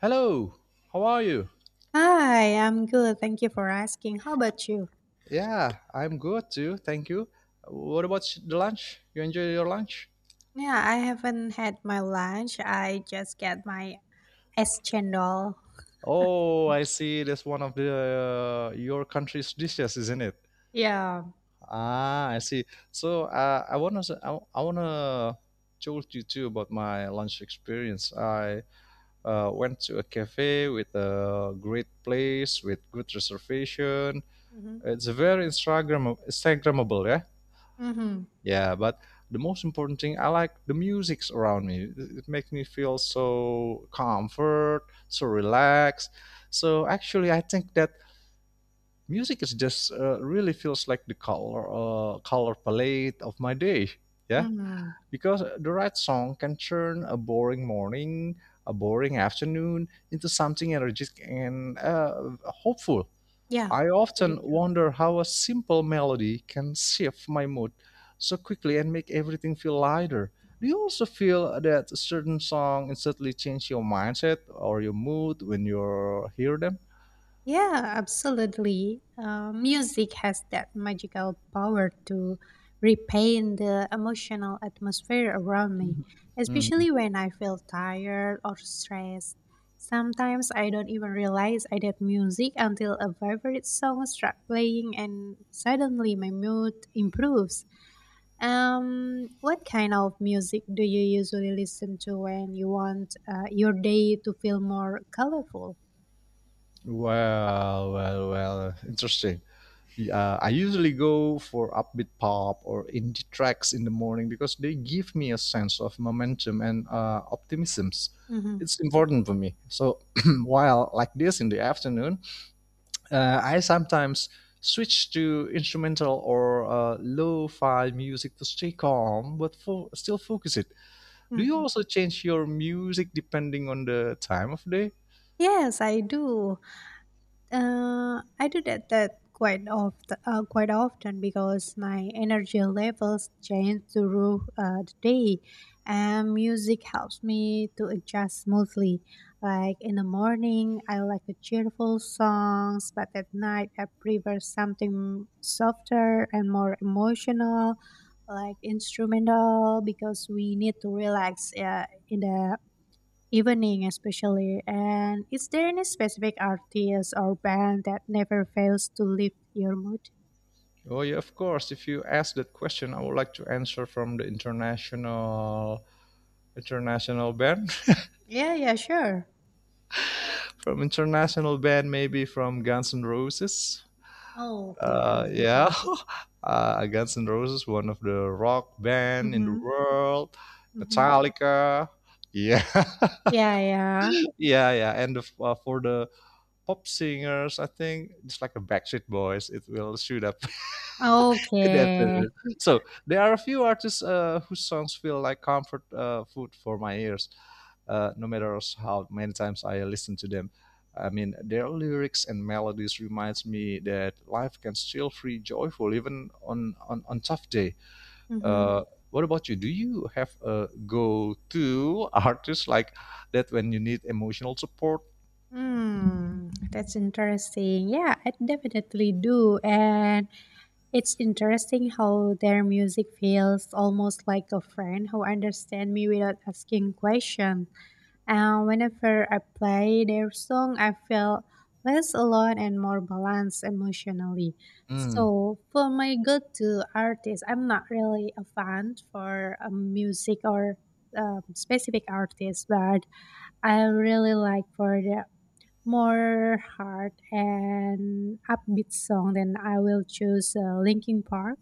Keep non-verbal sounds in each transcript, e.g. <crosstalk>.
Hello, how are you? Hi, I'm good. Thank you for asking. How about you? Yeah, I'm good too. Thank you. What about the lunch? You enjoy your lunch? Yeah, I haven't had my lunch. I just get my S chendol. Oh, I see. That's one of the your country's dishes, isn't it? Yeah. Ah, I see. So I wanna told you too about my lunch experience. I went to a cafe with a great place with good reservation. Mm-hmm. It's very Instagrammable, yeah. Mm-hmm. Yeah, but the most important thing, I like the musics around me. It makes me feel so comfort, so relaxed. So actually, I think that music is just really feels like the color palette of my day. Yeah, Mm-hmm. because the right song can turn a boring morning, a boring afternoon into something energetic and hopeful. Yeah. I Pretty often true. wonder how a simple melody can shift my mood so quickly and make everything feel lighter. Do you also feel that a certain song instantly change your mindset or your mood when you hear them? Yeah, absolutely. Music has that magical power to repaint the emotional atmosphere around me, hmm especially when I feel tired or stressed. Sometimes I don't even realize I did music until a favorite song starts playing and suddenly my mood improves. What kind of music do you usually listen to when you want your day to feel more colorful? well, interesting. I usually go for upbeat pop or indie tracks in the morning because they give me a sense of momentum and optimism. Mm-hmm. It's important for me. So <clears throat> while like this in the afternoon, I sometimes switch to instrumental or lo-fi music to stay calm, but still focus it. Do you Mm-hmm. also change your music depending on the time of day? Yes, I do. I do that quite often because my energy levels change through the day, and music helps me to adjust smoothly. Like in the morning, I like a cheerful songs, but at night I prefer something softer and more emotional, like instrumental, because we need to relax in the evening especially. And is there any specific artist or band that never fails to lift your mood? Oh yeah, of course. If you ask that question, I would like to answer from the international band, Yeah, yeah, sure. <laughs> from international band maybe from Guns N' Roses. Oh, okay, Guns and Yeah, Roses. <laughs> Guns N' Roses, one of the rock band in the Mm-hmm. world. Mm-hmm. Metallica, yeah, <laughs> Yeah, yeah. yeah, yeah. And for the pop singers, I think just like a Backstreet Boys, it will shoot up <laughs> in the afternoon. Okay. So there are a few artists whose songs feel like comfort food for my ears no matter how many times I listen to them. I mean, their lyrics and melodies reminds me that life can still be joyful even on tough day. Mm-hmm. Uh, what about you? Do you have a go-to artist like that when you need emotional support? Hmm, that's interesting. Yeah, I definitely do. And it's interesting how their music feels almost like a friend who understands me without asking questions. And whenever I play their song, I feel less alone and more balanced emotionally. Mm. So for my go-to artist, I'm not really a fan for music or specific artists, but I really like for the more hard and upbeat song, then I will choose Linkin Park.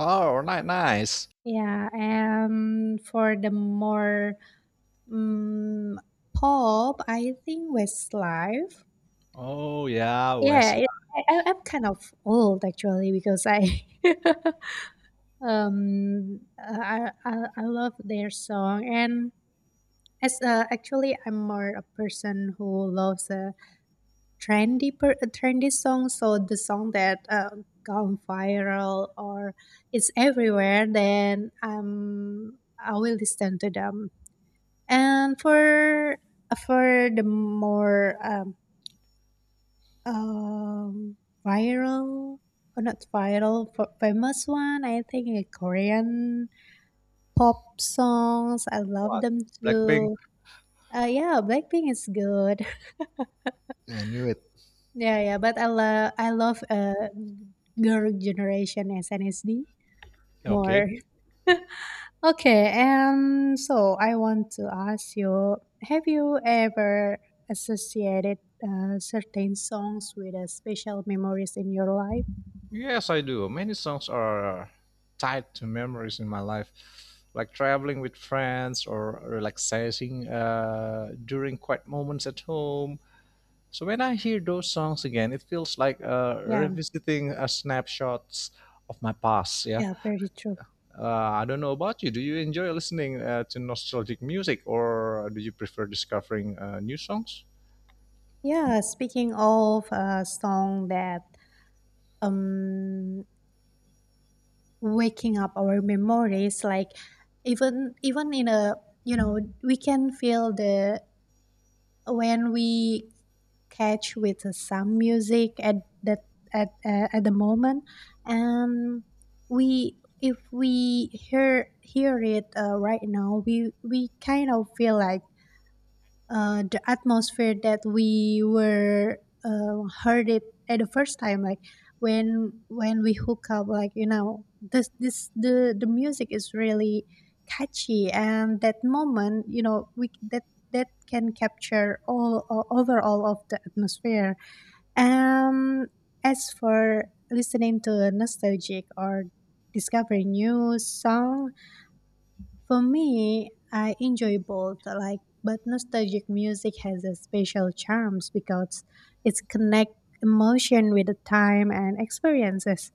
Oh, nice. Yeah, and for the more Mm, pop, I think Westlife. Oh yeah, Yeah, Westlife. it, I'm kind of old actually because I <laughs> I love their song and as actually I'm more a person who loves a a trendy song. So the song that gone viral or is everywhere, then I will listen to them. And for the more Um, viral or not viral, f famous one, I think a Korean pop songs. I love What? them Blackpink. too. Yeah, Blackpink is good. <laughs> I knew it. Yeah, yeah, but I love girl generation SNSD Okay. more. <laughs> Okay, and so I want to ask you, have you ever associated certain songs with special memories in your life? Yes, I do. Many songs are tied to memories in my life, like traveling with friends or relaxing during quiet moments at home. So when I hear those songs again, it feels like Yeah, revisiting snapshots of my past. Yeah, yeah, very true. I don't know about you. Do you enjoy listening to nostalgic music, or do you prefer discovering new songs? Yeah, speaking of a song that um waking up our memories, like even in a you know we can feel the when we catch with some music at that at the moment and we if we hear it right now we kind of feel like the atmosphere that we were heard it at the first time like when we hook up like this this the music is really catchy and that moment we that that can capture overall of the atmosphere um as for listening to nostalgic or discovering new song for me, I enjoy both, like, but nostalgic music has a special charms because it's connect emotion with the time and experiences.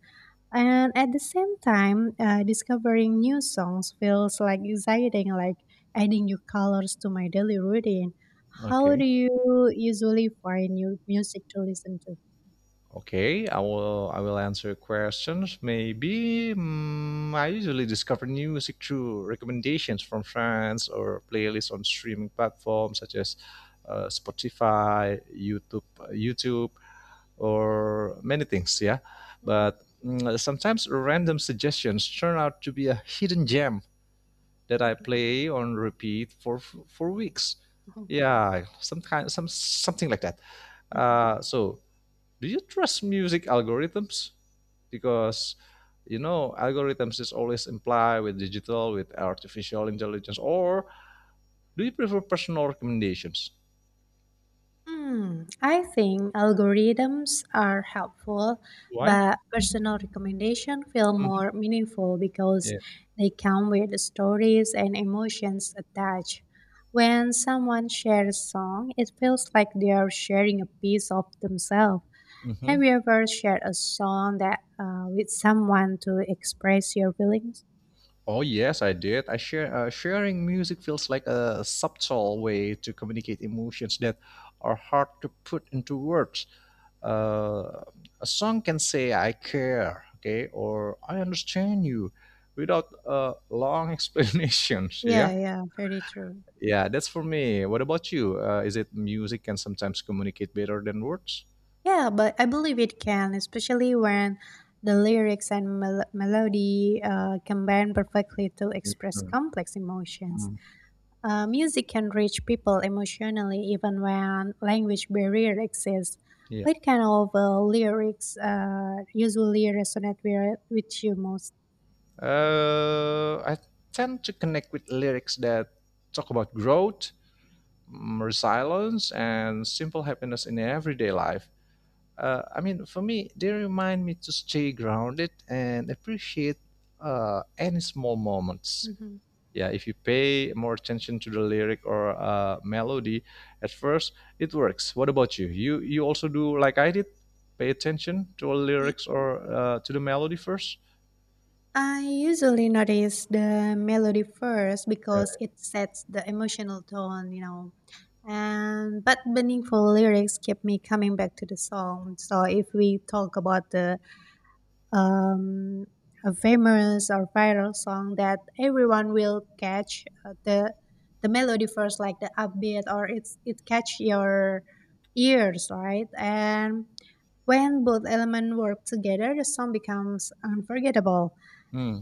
And at the same time, discovering new songs feels like exciting, like adding new colors to my daily routine. How do Okay. you usually find new music to listen to? Okay, I will answer questions. Maybe I usually discover new music through recommendations from friends or playlists on streaming platforms such as Spotify, YouTube, or many things. Yeah, Mhm, but sometimes random suggestions turn out to be a hidden gem that I mhm, play on repeat for weeks. mhm, Yeah, some kind some something like that. mhm. So do you trust music algorithms? Because algorithms is always implied with digital, with artificial intelligence, or do you prefer personal recommendations? Hmm, I think algorithms are helpful, Why? but personal recommendation feel more Mhm. meaningful because Yeah. they come with stories and emotions attached. When someone shares a song, it feels like they are sharing a piece of themselves. hmm Have you ever shared a song that with someone to express your feelings? Oh yes, I did. I share Sharing music feels like a subtle way to communicate emotions that are hard to put into words. Uh, a song can say "I care," okay, or "I understand you," without long <laughs> explanations. Yeah, Yeah, yeah, very true. Yeah, that's for me. What about you? Is it music can sometimes communicate better than words? Yeah, but I believe it can, especially when the lyrics and melody combine perfectly to express Mhm. complex emotions. Mhm. Music can reach people emotionally even when language barrier exists. Yeah. What kind of lyrics usually resonate with you most? I tend to connect with lyrics that talk about growth, resilience, and simple happiness in everyday life. I mean, for me, they remind me to stay grounded and appreciate any small moments. Mhm. Yeah, if you pay more attention to the lyric or melody at first it works. What about you, also do like I did, pay attention to the lyrics or to the melody first? I usually notice the melody first Yeah. because it sets the emotional tone, you know. And but meaningful lyrics keep me coming back to the song. So if we talk about the um, a famous or viral song that everyone will catch the melody first, like the upbeat, or it catch your ears, right? And when both elements work together, the song becomes unforgettable. Hmm.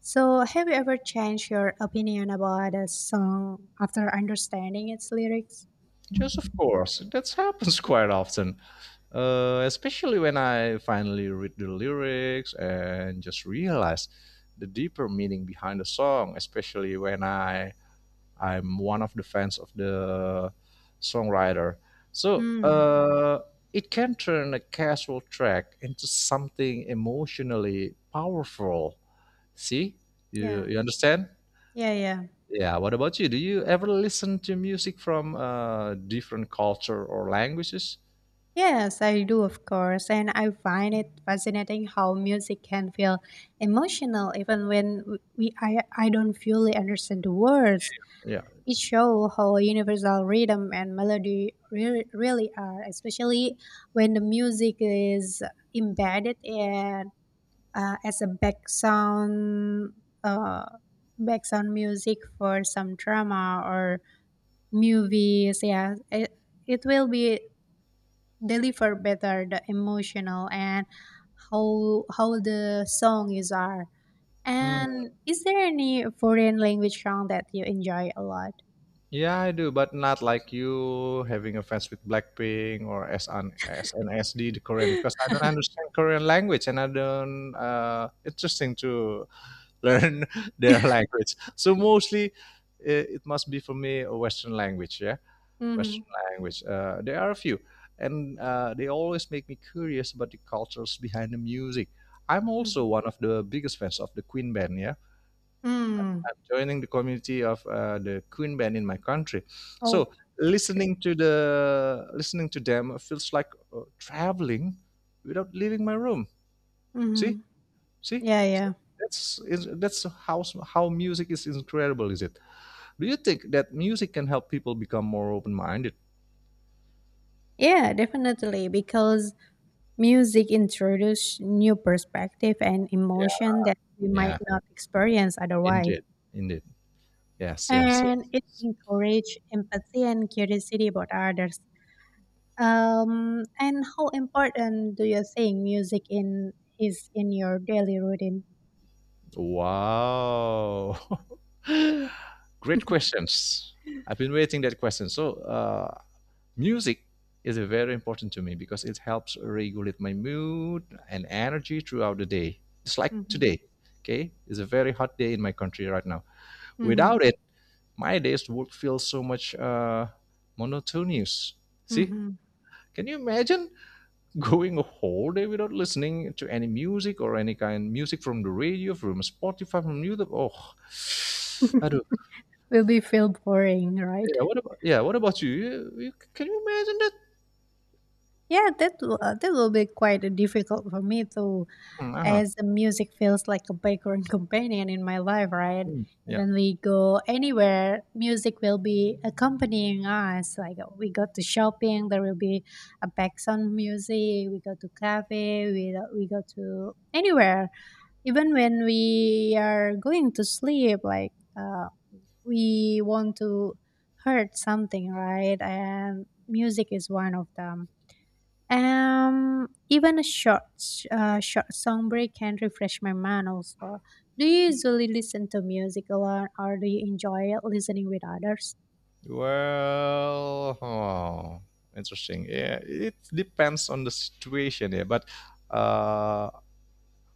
So, have you ever changed your opinion about a song after understanding its lyrics? Yes, of course that happens <laughs> quite often, especially when I finally read the lyrics and just realize the deeper meaning behind the song, especially when I'm one of the fans of the songwriter. So Mm, it can turn a casual track into something emotionally powerful. See, you, yeah, you understand? yeah, yeah. Yeah. What about you? Do you ever listen to music from different culture or languages? Yes, I do, of course. And I find it fascinating how music can feel emotional even when we I don't fully understand the words. Yeah. It shows how universal rhythm and melody really are, especially when the music is embedded in as a background uh, background music for some drama or movies. It will be deliver better the emotional and how the song is are. Hmm. And is there any foreign language song that you enjoy a lot? Yeah, I do, but not like you having offense with Blackpink or S N S N S D, the Korean, because I don't understand Korean language and I don't interesting to <laughs> learn their language. So mostly it must be for me a Western language, yeah, Mm-hmm. Western language. There are a few, and they always make me curious about the cultures behind the music. I'm Mm-hmm. also one of the biggest fans of the Queen Band. Yeah, Mm. I'm joining the community of the Queen Band in my country. So Oh, that's great. Listening to them feels like traveling without leaving my room. Mm-hmm. See, See, Yeah, yeah. that's how music is incredible, is it? Do you think that music can help people become more open minded? Yeah, definitely. Because music introduces new perspective and Yeah, emotion that we might yeah, not experience otherwise, indeed, indeed. Yes, yes, and it yes. encourages empathy and curiosity about others. And how important do you think music in is in your daily routine? Wow, <laughs> great questions. I've been waiting that question. So, music is very important to me because it helps regulate my mood and energy throughout the day. It's like Hmm. today, okay? It's a very hot day in my country right now. Hmm. Without it my days would feel so much monotonous. See, Hmm. can you imagine going a whole day without listening to any music or any kind of music from the radio, from Spotify, from YouTube? Oh, aduh. Will be feel boring, right? Yeah? What about you? You, can you imagine that? Yeah, that that will be quite difficult for me to Hmm, uh-huh. as the music feels like a background <laughs> companion in my life, right? Hmm, yeah. Even we go anywhere, music will be accompanying us. Like we go to shopping, there will be a background music. We go to cafe, we go to anywhere. Even when we are going to sleep, like uh, we want to heard something, right? And music is one of them. Even short song break can refresh my mind. Also, do you usually listen to music alone, or do you enjoy listening with others? Well, oh, interesting. Yeah, it depends on the situation. Yeah, but uh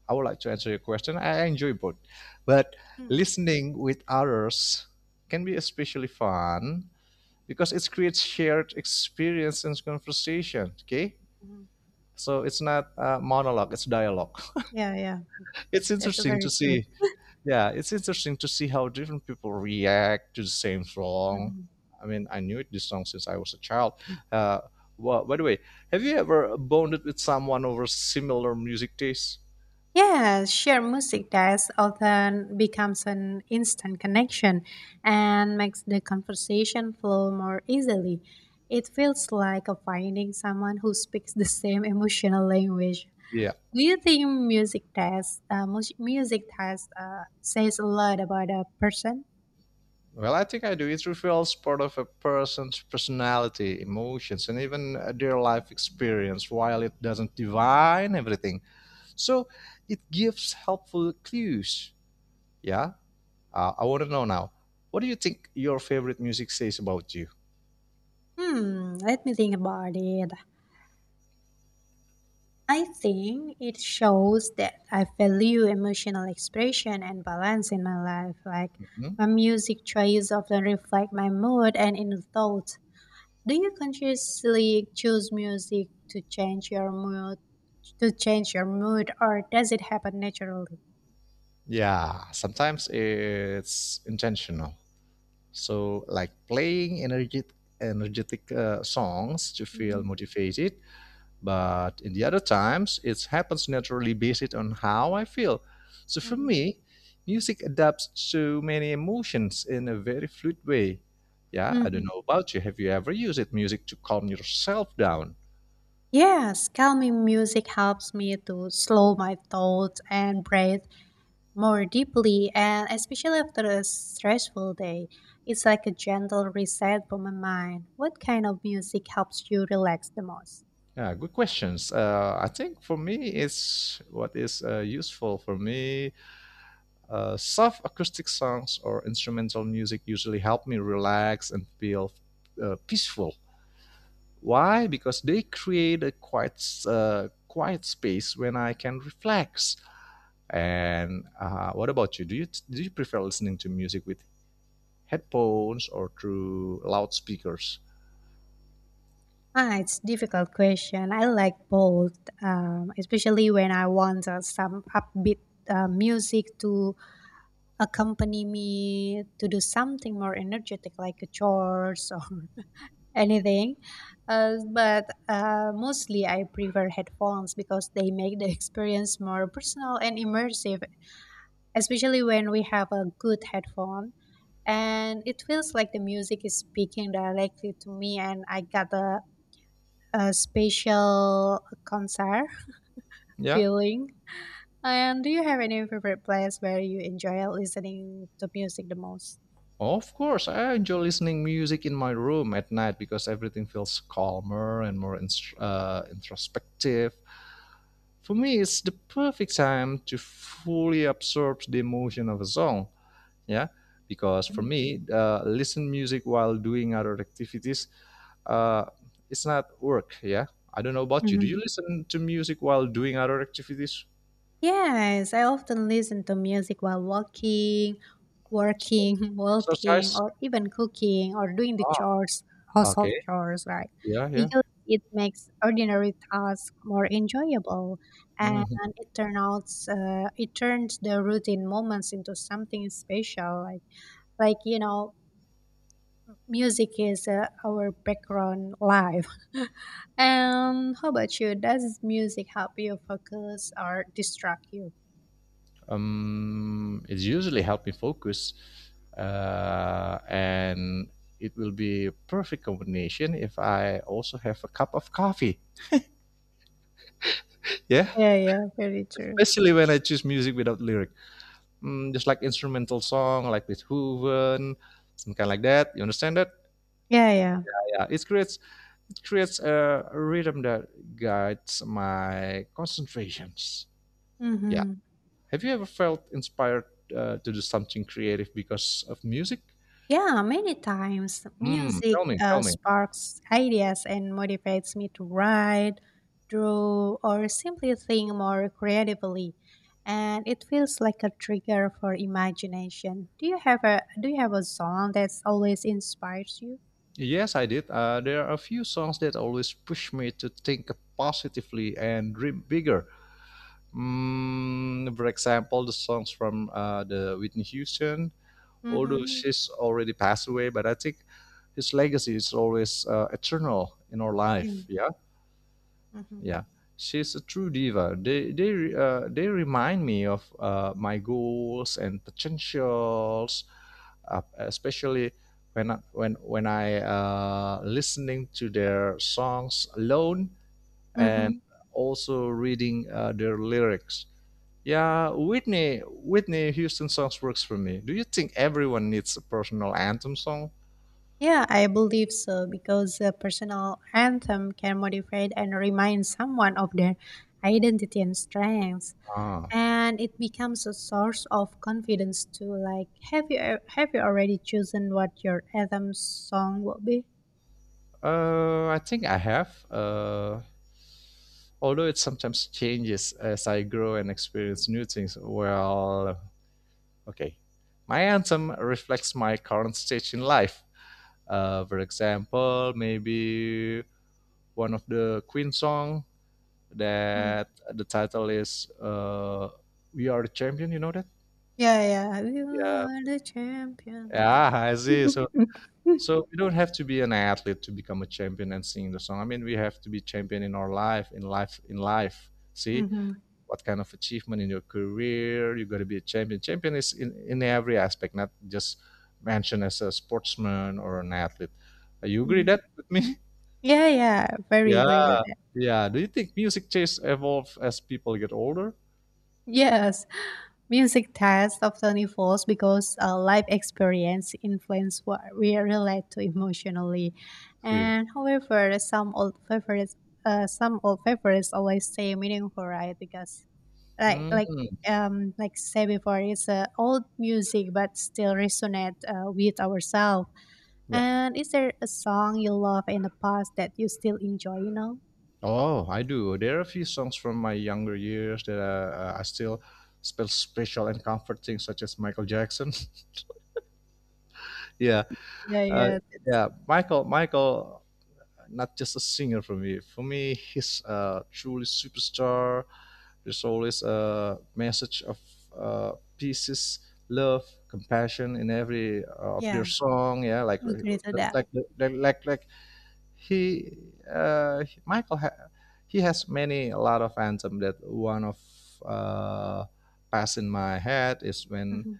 I would like to answer your question. I enjoy both, but Hmm. listening with others can be especially fun because it creates shared experience and conversation. Okay, Hmm. so it's not a monologue; it's dialogue. <laughs> Yeah, yeah, It's that's interesting to very true. see. Yeah, it's interesting to see how different people react to the same song. Hmm. I mean, I knew it, this song since I was a child. Uh, well, by the way, have you ever bonded with someone over similar music taste? Yeah, share music that's often becomes an instant connection and makes the conversation flow more easily. It feels like a finding someone who speaks the same emotional language. Do you think music taste, says a lot about a person? Well, I think I do. It reveals part of a person's personality, emotions, and even their life experience, while it doesn't define everything. So it gives helpful clues. Yeah. I want to know now. What do you think your favorite music says about you? Hmm, let me think about it. I think it shows that I value emotional expression and balance in my life. Like Mhm. my music choices often reflect my mood and inner thoughts. Do you consciously choose music to change your mood, or does it happen naturally? Yeah. Sometimes it's intentional. So, like playing energetic songs to feel Hmm. motivated. But in the other times, it happens naturally based on how I feel. So for me, music adapts to many emotions in a very fluid way. Yeah, I don't Hmm. know about you. Have you ever used it, music to calm yourself down? Yes, calming music helps me to slow my thoughts and breathe more deeply, and especially after a stressful day. It's like a gentle reset for my mind. What kind of music helps you relax the most? Yeah, good questions. I think for me, it's what is useful for me. Soft acoustic songs or instrumental music usually help me relax and feel peaceful. Why? Because they create a quiet, quiet space when I can relax. And what about you? Do you prefer listening to music with headphones or through loudspeakers? Ah, it's difficult question. I like both, especially when I want some upbeat music to accompany me to do something more energetic, like a chores or <laughs> anything. But mostly I prefer headphones because they make the <laughs> experience more personal and immersive, especially when we have a good headphone. And it feels like the music is speaking directly to me, and I got a special concert <laughs> Yeah. feeling. And do you have any favorite place where you enjoy listening to music the most? Of course, I enjoy listening music in my room at night because everything feels calmer and more introspective. For me, it's the perfect time to fully absorb the emotion of a song. Yeah, because for me, listen music while doing other activities, uh, it's not work. Yeah, I don't know about you. Do you Mhm. listen to music while doing other activities? Yes, I often listen to music while working, <laughs> walking, Exercise? or even cooking or doing the Ah, chores, household okay. chores, right? Yeah, yeah. Because it makes ordinary tasks more enjoyable, and Mm-hmm. It turns the routine moments into something special. Like you know, music is our background life. <laughs> And how about you? Does music help you focus or distract you? It's usually help me focus and it will be a perfect combination if I also have a cup of coffee, yeah, Yeah, yeah, very true. especially when I choose music without lyric, just like instrumental song like with hooven, some kind like that, you understand that? Yeah, yeah. Yeah, it creates a rhythm that guides my concentrations, yeah. Hmm. Have you ever felt inspired to do something creative because of music? Yeah, many times music Tell me, tell me. sparks ideas and motivates me to write, draw, or simply think more creatively. And it feels like a trigger for imagination. Do you have a song that's always inspires you? Yes, I did. There are a few songs that always push me to think positively and dream bigger. For example, the songs from the Whitney Houston, although Mm-hmm. she's already passed away, but I think his legacy is always eternal in our Yeah. life. Yeah. Mm-hmm. Yeah, she's a true diva. They remind me of my goals and potentials, especially when I listening to their songs alone and Mm-hmm. also reading their lyrics. Yeah, Whitney Houston songs works for me. Do you think everyone needs a personal anthem song? Yeah, I believe so because a personal anthem can motivate and remind someone of their identity and strengths, Ah. and it becomes a source of confidence too. Like, have you already chosen what your anthem song will be? I think I have. Although it sometimes changes as I grow and experience new things. Well, okay. My anthem reflects my current stage in life. For example, maybe one of the Queen song Mm. that the title is "We Are the Champion." You know that? Yeah, yeah, you Yeah. are the champion. Yeah, I see. So <laughs> So we don't have to be an athlete to become a champion and sing the song. I mean, we have to be champion in our life, in life, in life. See Mm-hmm. what kind of achievement in your career you got to be a champion. Champion is in every aspect, not just mentioned as a sportsman or an athlete. You agree Hmm. that with me? <laughs> Yeah, yeah, very agree Yeah, with that. yeah. Do you think music tastes evolve as people get older? Yes, music tests often evolves because life experience influence what we relate to emotionally. See. And however, some old favorites always stay meaningful, right? Because like like Mm, like say before, it's old music but still resonate with ourselves. yeah. And is there a song you love in the past that you still enjoy? You know? Oh, I do. There are a few songs from my younger years that I still feel special and comforting, such as Michael Jackson. <laughs> yeah, Yeah, uh, yeah, that's, yeah, Michael not just a singer for me. For me, he's truly superstar. There's always a message of pieces, love, compassion in every of their yeah. song. Yeah, Agree to that. like like he uh, Michael ha- he has many a lot of anthem that one of uh, pass in my head is when Hmm.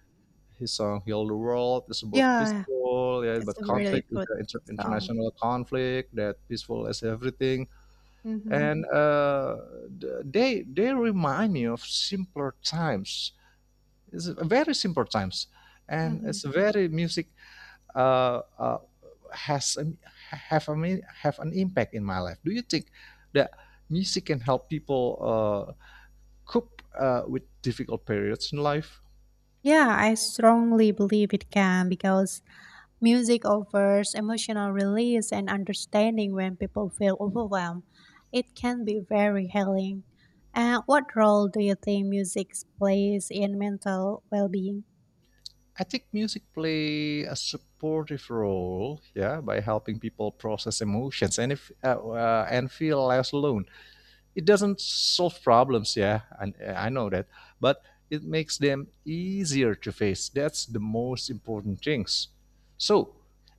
his song "Heal the World" is about Yeah, peaceful, yeah, that's but a really conflict, good song. international conflict, that peaceful as everything, Mhm, and they remind me of simpler times. It's a very simple times, and mhm. it's a very music uh, uh, has an, have a have an impact in my life. Do you think that music can help people cope with difficult periods in life? Yeah, I strongly believe it can because music offers emotional release and understanding when people feel overwhelmed. It can be very healing. And what role do you think music plays in mental well being? I think music play a supportive role, yeah, by helping people process emotions and if and feel less alone. It doesn't solve problems, yeah, and I know that, but it makes them easier to face. That's the most important things. So,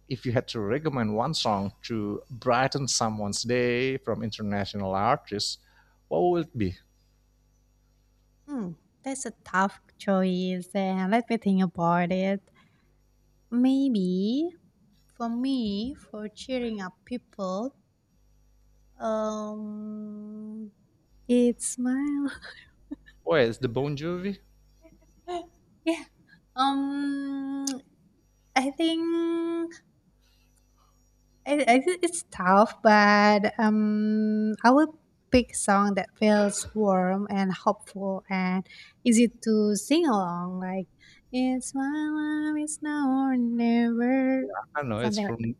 if you had to recommend one song to brighten someone's day from international artists, what would it be? Hmm, that's a tough choice, and let me think about it. Maybe for me, for cheering up people, Um, it's smile. Oh, it's the Bon Jovi. <laughs> Yeah. Um, I think I think it's tough, but I would pick song that feels warm and hopeful and easy to sing along. Like it's my life, it's now or never, I know it's something like. from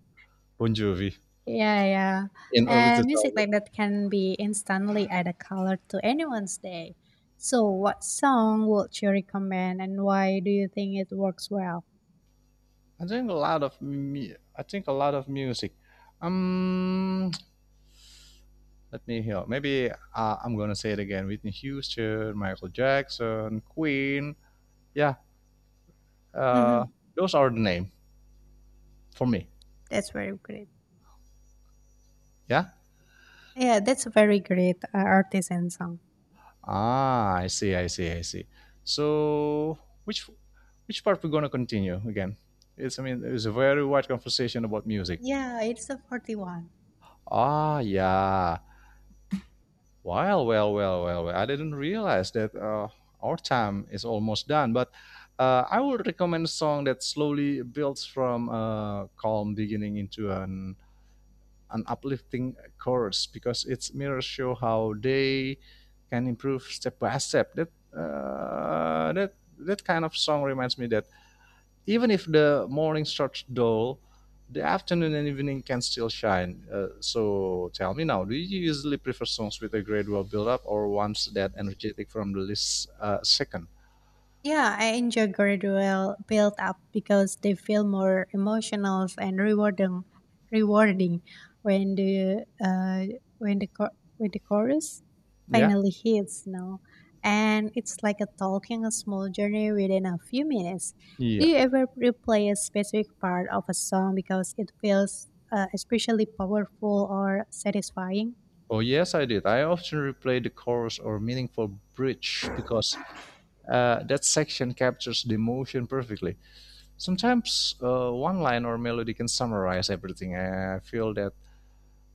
Bon Jovi Yeah, yeah. in early And music 2000. like that can be instantly add a color to anyone's day. So, what song would you recommend and why do you think it works well? I think a lot of music. Um, Let me hear. Maybe I'm gonna say it again. Whitney Houston, Michael Jackson, Queen. Yeah, Hmm. uh, those are the name for me. That's very great. Yeah. Yeah, that's a very great artisan song. Ah, I see. I see. I see. So which part we're gonna continue again? It's I mean it's a very wide conversation about music. Yeah, it's a 41. Ah, yeah. Well. I didn't realize that our time is almost done, but I would recommend a song that slowly builds from a calm beginning into an uplifting chorus because its mirrors show how they can improve step by step. That kind of song reminds me that even if the morning starts dull, the afternoon and evening can still shine. So tell me now, do you usually prefer songs with a gradual build-up or ones that energetic from the least second? Yeah, I enjoy gradual build up because they feel more emotional and rewarding when the cho- when the chorus Yeah, finally hits, you know. And it's like a talking a small journey within a few minutes. Do yeah. you ever replay a specific part of a song because it feels especially powerful or satisfying? Oh yes, I did. I often replay the chorus or meaningful bridge because that section captures the emotion perfectly. Sometimes one line or melody can summarize everything.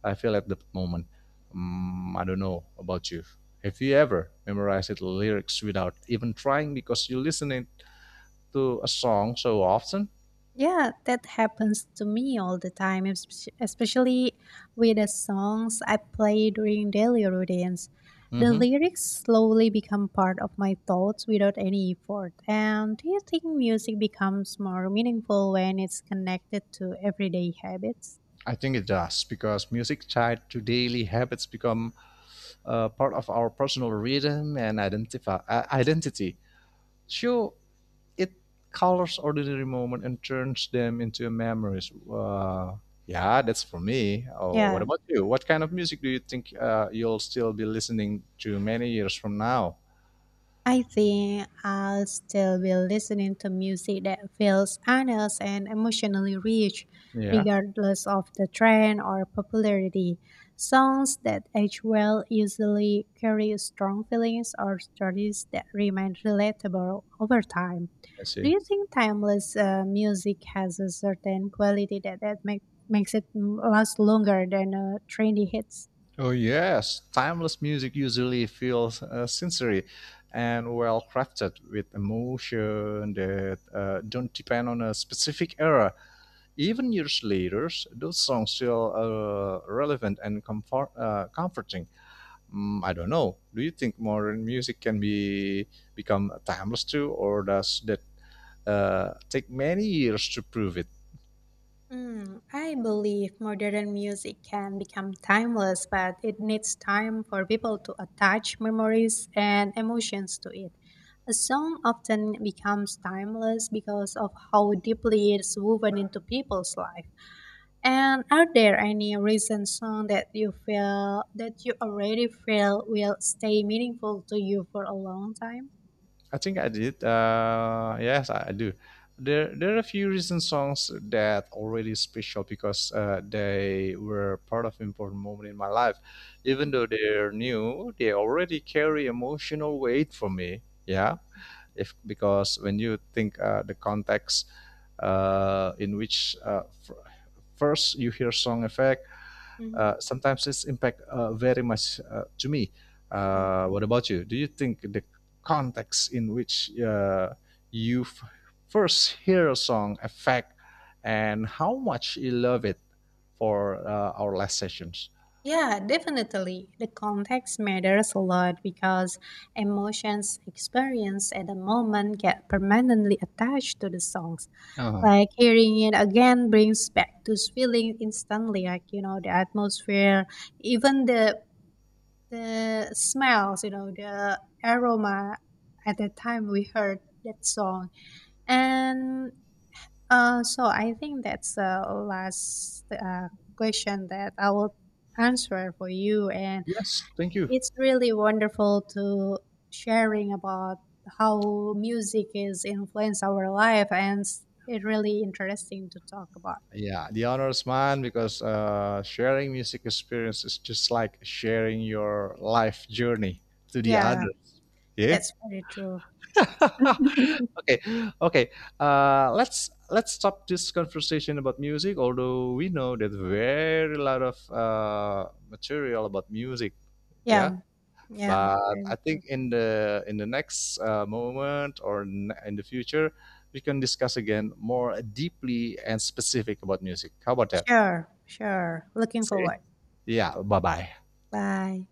I feel at the moment. Mm, I don't know about you. Have you ever memorized the lyrics without even trying because you listen to a song so often? Yeah, that happens to me all the time, especially with the songs I play during daily routines. The Hmm lyrics slowly become part of my thoughts without any effort. And do you think music becomes more meaningful when it's connected to everyday habits? I think it does because music tied to daily habits become part of our personal rhythm and identity. Sure, it colors ordinary moment and turns them into memories. Yeah, that's for me. Oh, what Yeah. about you? What kind of music do you think you'll still be listening to many years from now? I think I'll still be listening to music that feels honest and emotionally rich, Yeah, regardless of the trend or popularity. Songs that age well usually carry strong feelings or stories that remain relatable over time. I Do see. you think timeless music has a certain quality makes it last longer than trendy hits? Oh yes, timeless music usually feels sensory and well crafted with emotion that don't depend on a specific era. Even years later, those songs feel relevant and comforting. Mm, I don't know. Do you think modern music can be become timeless too, or does that take many years to prove it? Mm, I believe modern music can become timeless, but it needs time for people to attach memories and emotions to it. A song often becomes timeless because of how deeply it's woven into people's life. And are there any recent song that you feel that you already feel will stay meaningful to you for a long time? I think I did. Yes, I do. There are a few recent songs that already special because they were part of important moment in my life. Even though Mhm, they're new, they already carry emotional weight for me. Yeah, mhm, if because when you think the context in which first you hear song effect mhm. sometimes it's impact very much to me Yeah. What about you do you think the context in which you f- first hear a song affect and how much you love it for our last sessions Yeah, definitely. The context matters a lot because emotions experienced at the moment get permanently attached to the songs. uh Like hearing it again brings back those feelings instantly, like you know, the atmosphere, even the smells, you know, the aroma at the time we heard that song. And so I think that's the last question that I will answer for you and yes thank you it's really wonderful to sharing about how music is influence our life and it's really interesting to talk about. Yeah, the honors man, because sharing music experience is just like sharing your life journey to the Yeah, others. Yeah. that's very true. <laughs> Okay. Okay. Let's stop this conversation about music. Although we know that very lot of material about music. Yeah. Yeah, yeah, But very I true. think in the next moment or in the future, we can discuss again more deeply and specific about music. How about that? Sure, sure. Looking See? forward. Yeah. Bye bye. Bye.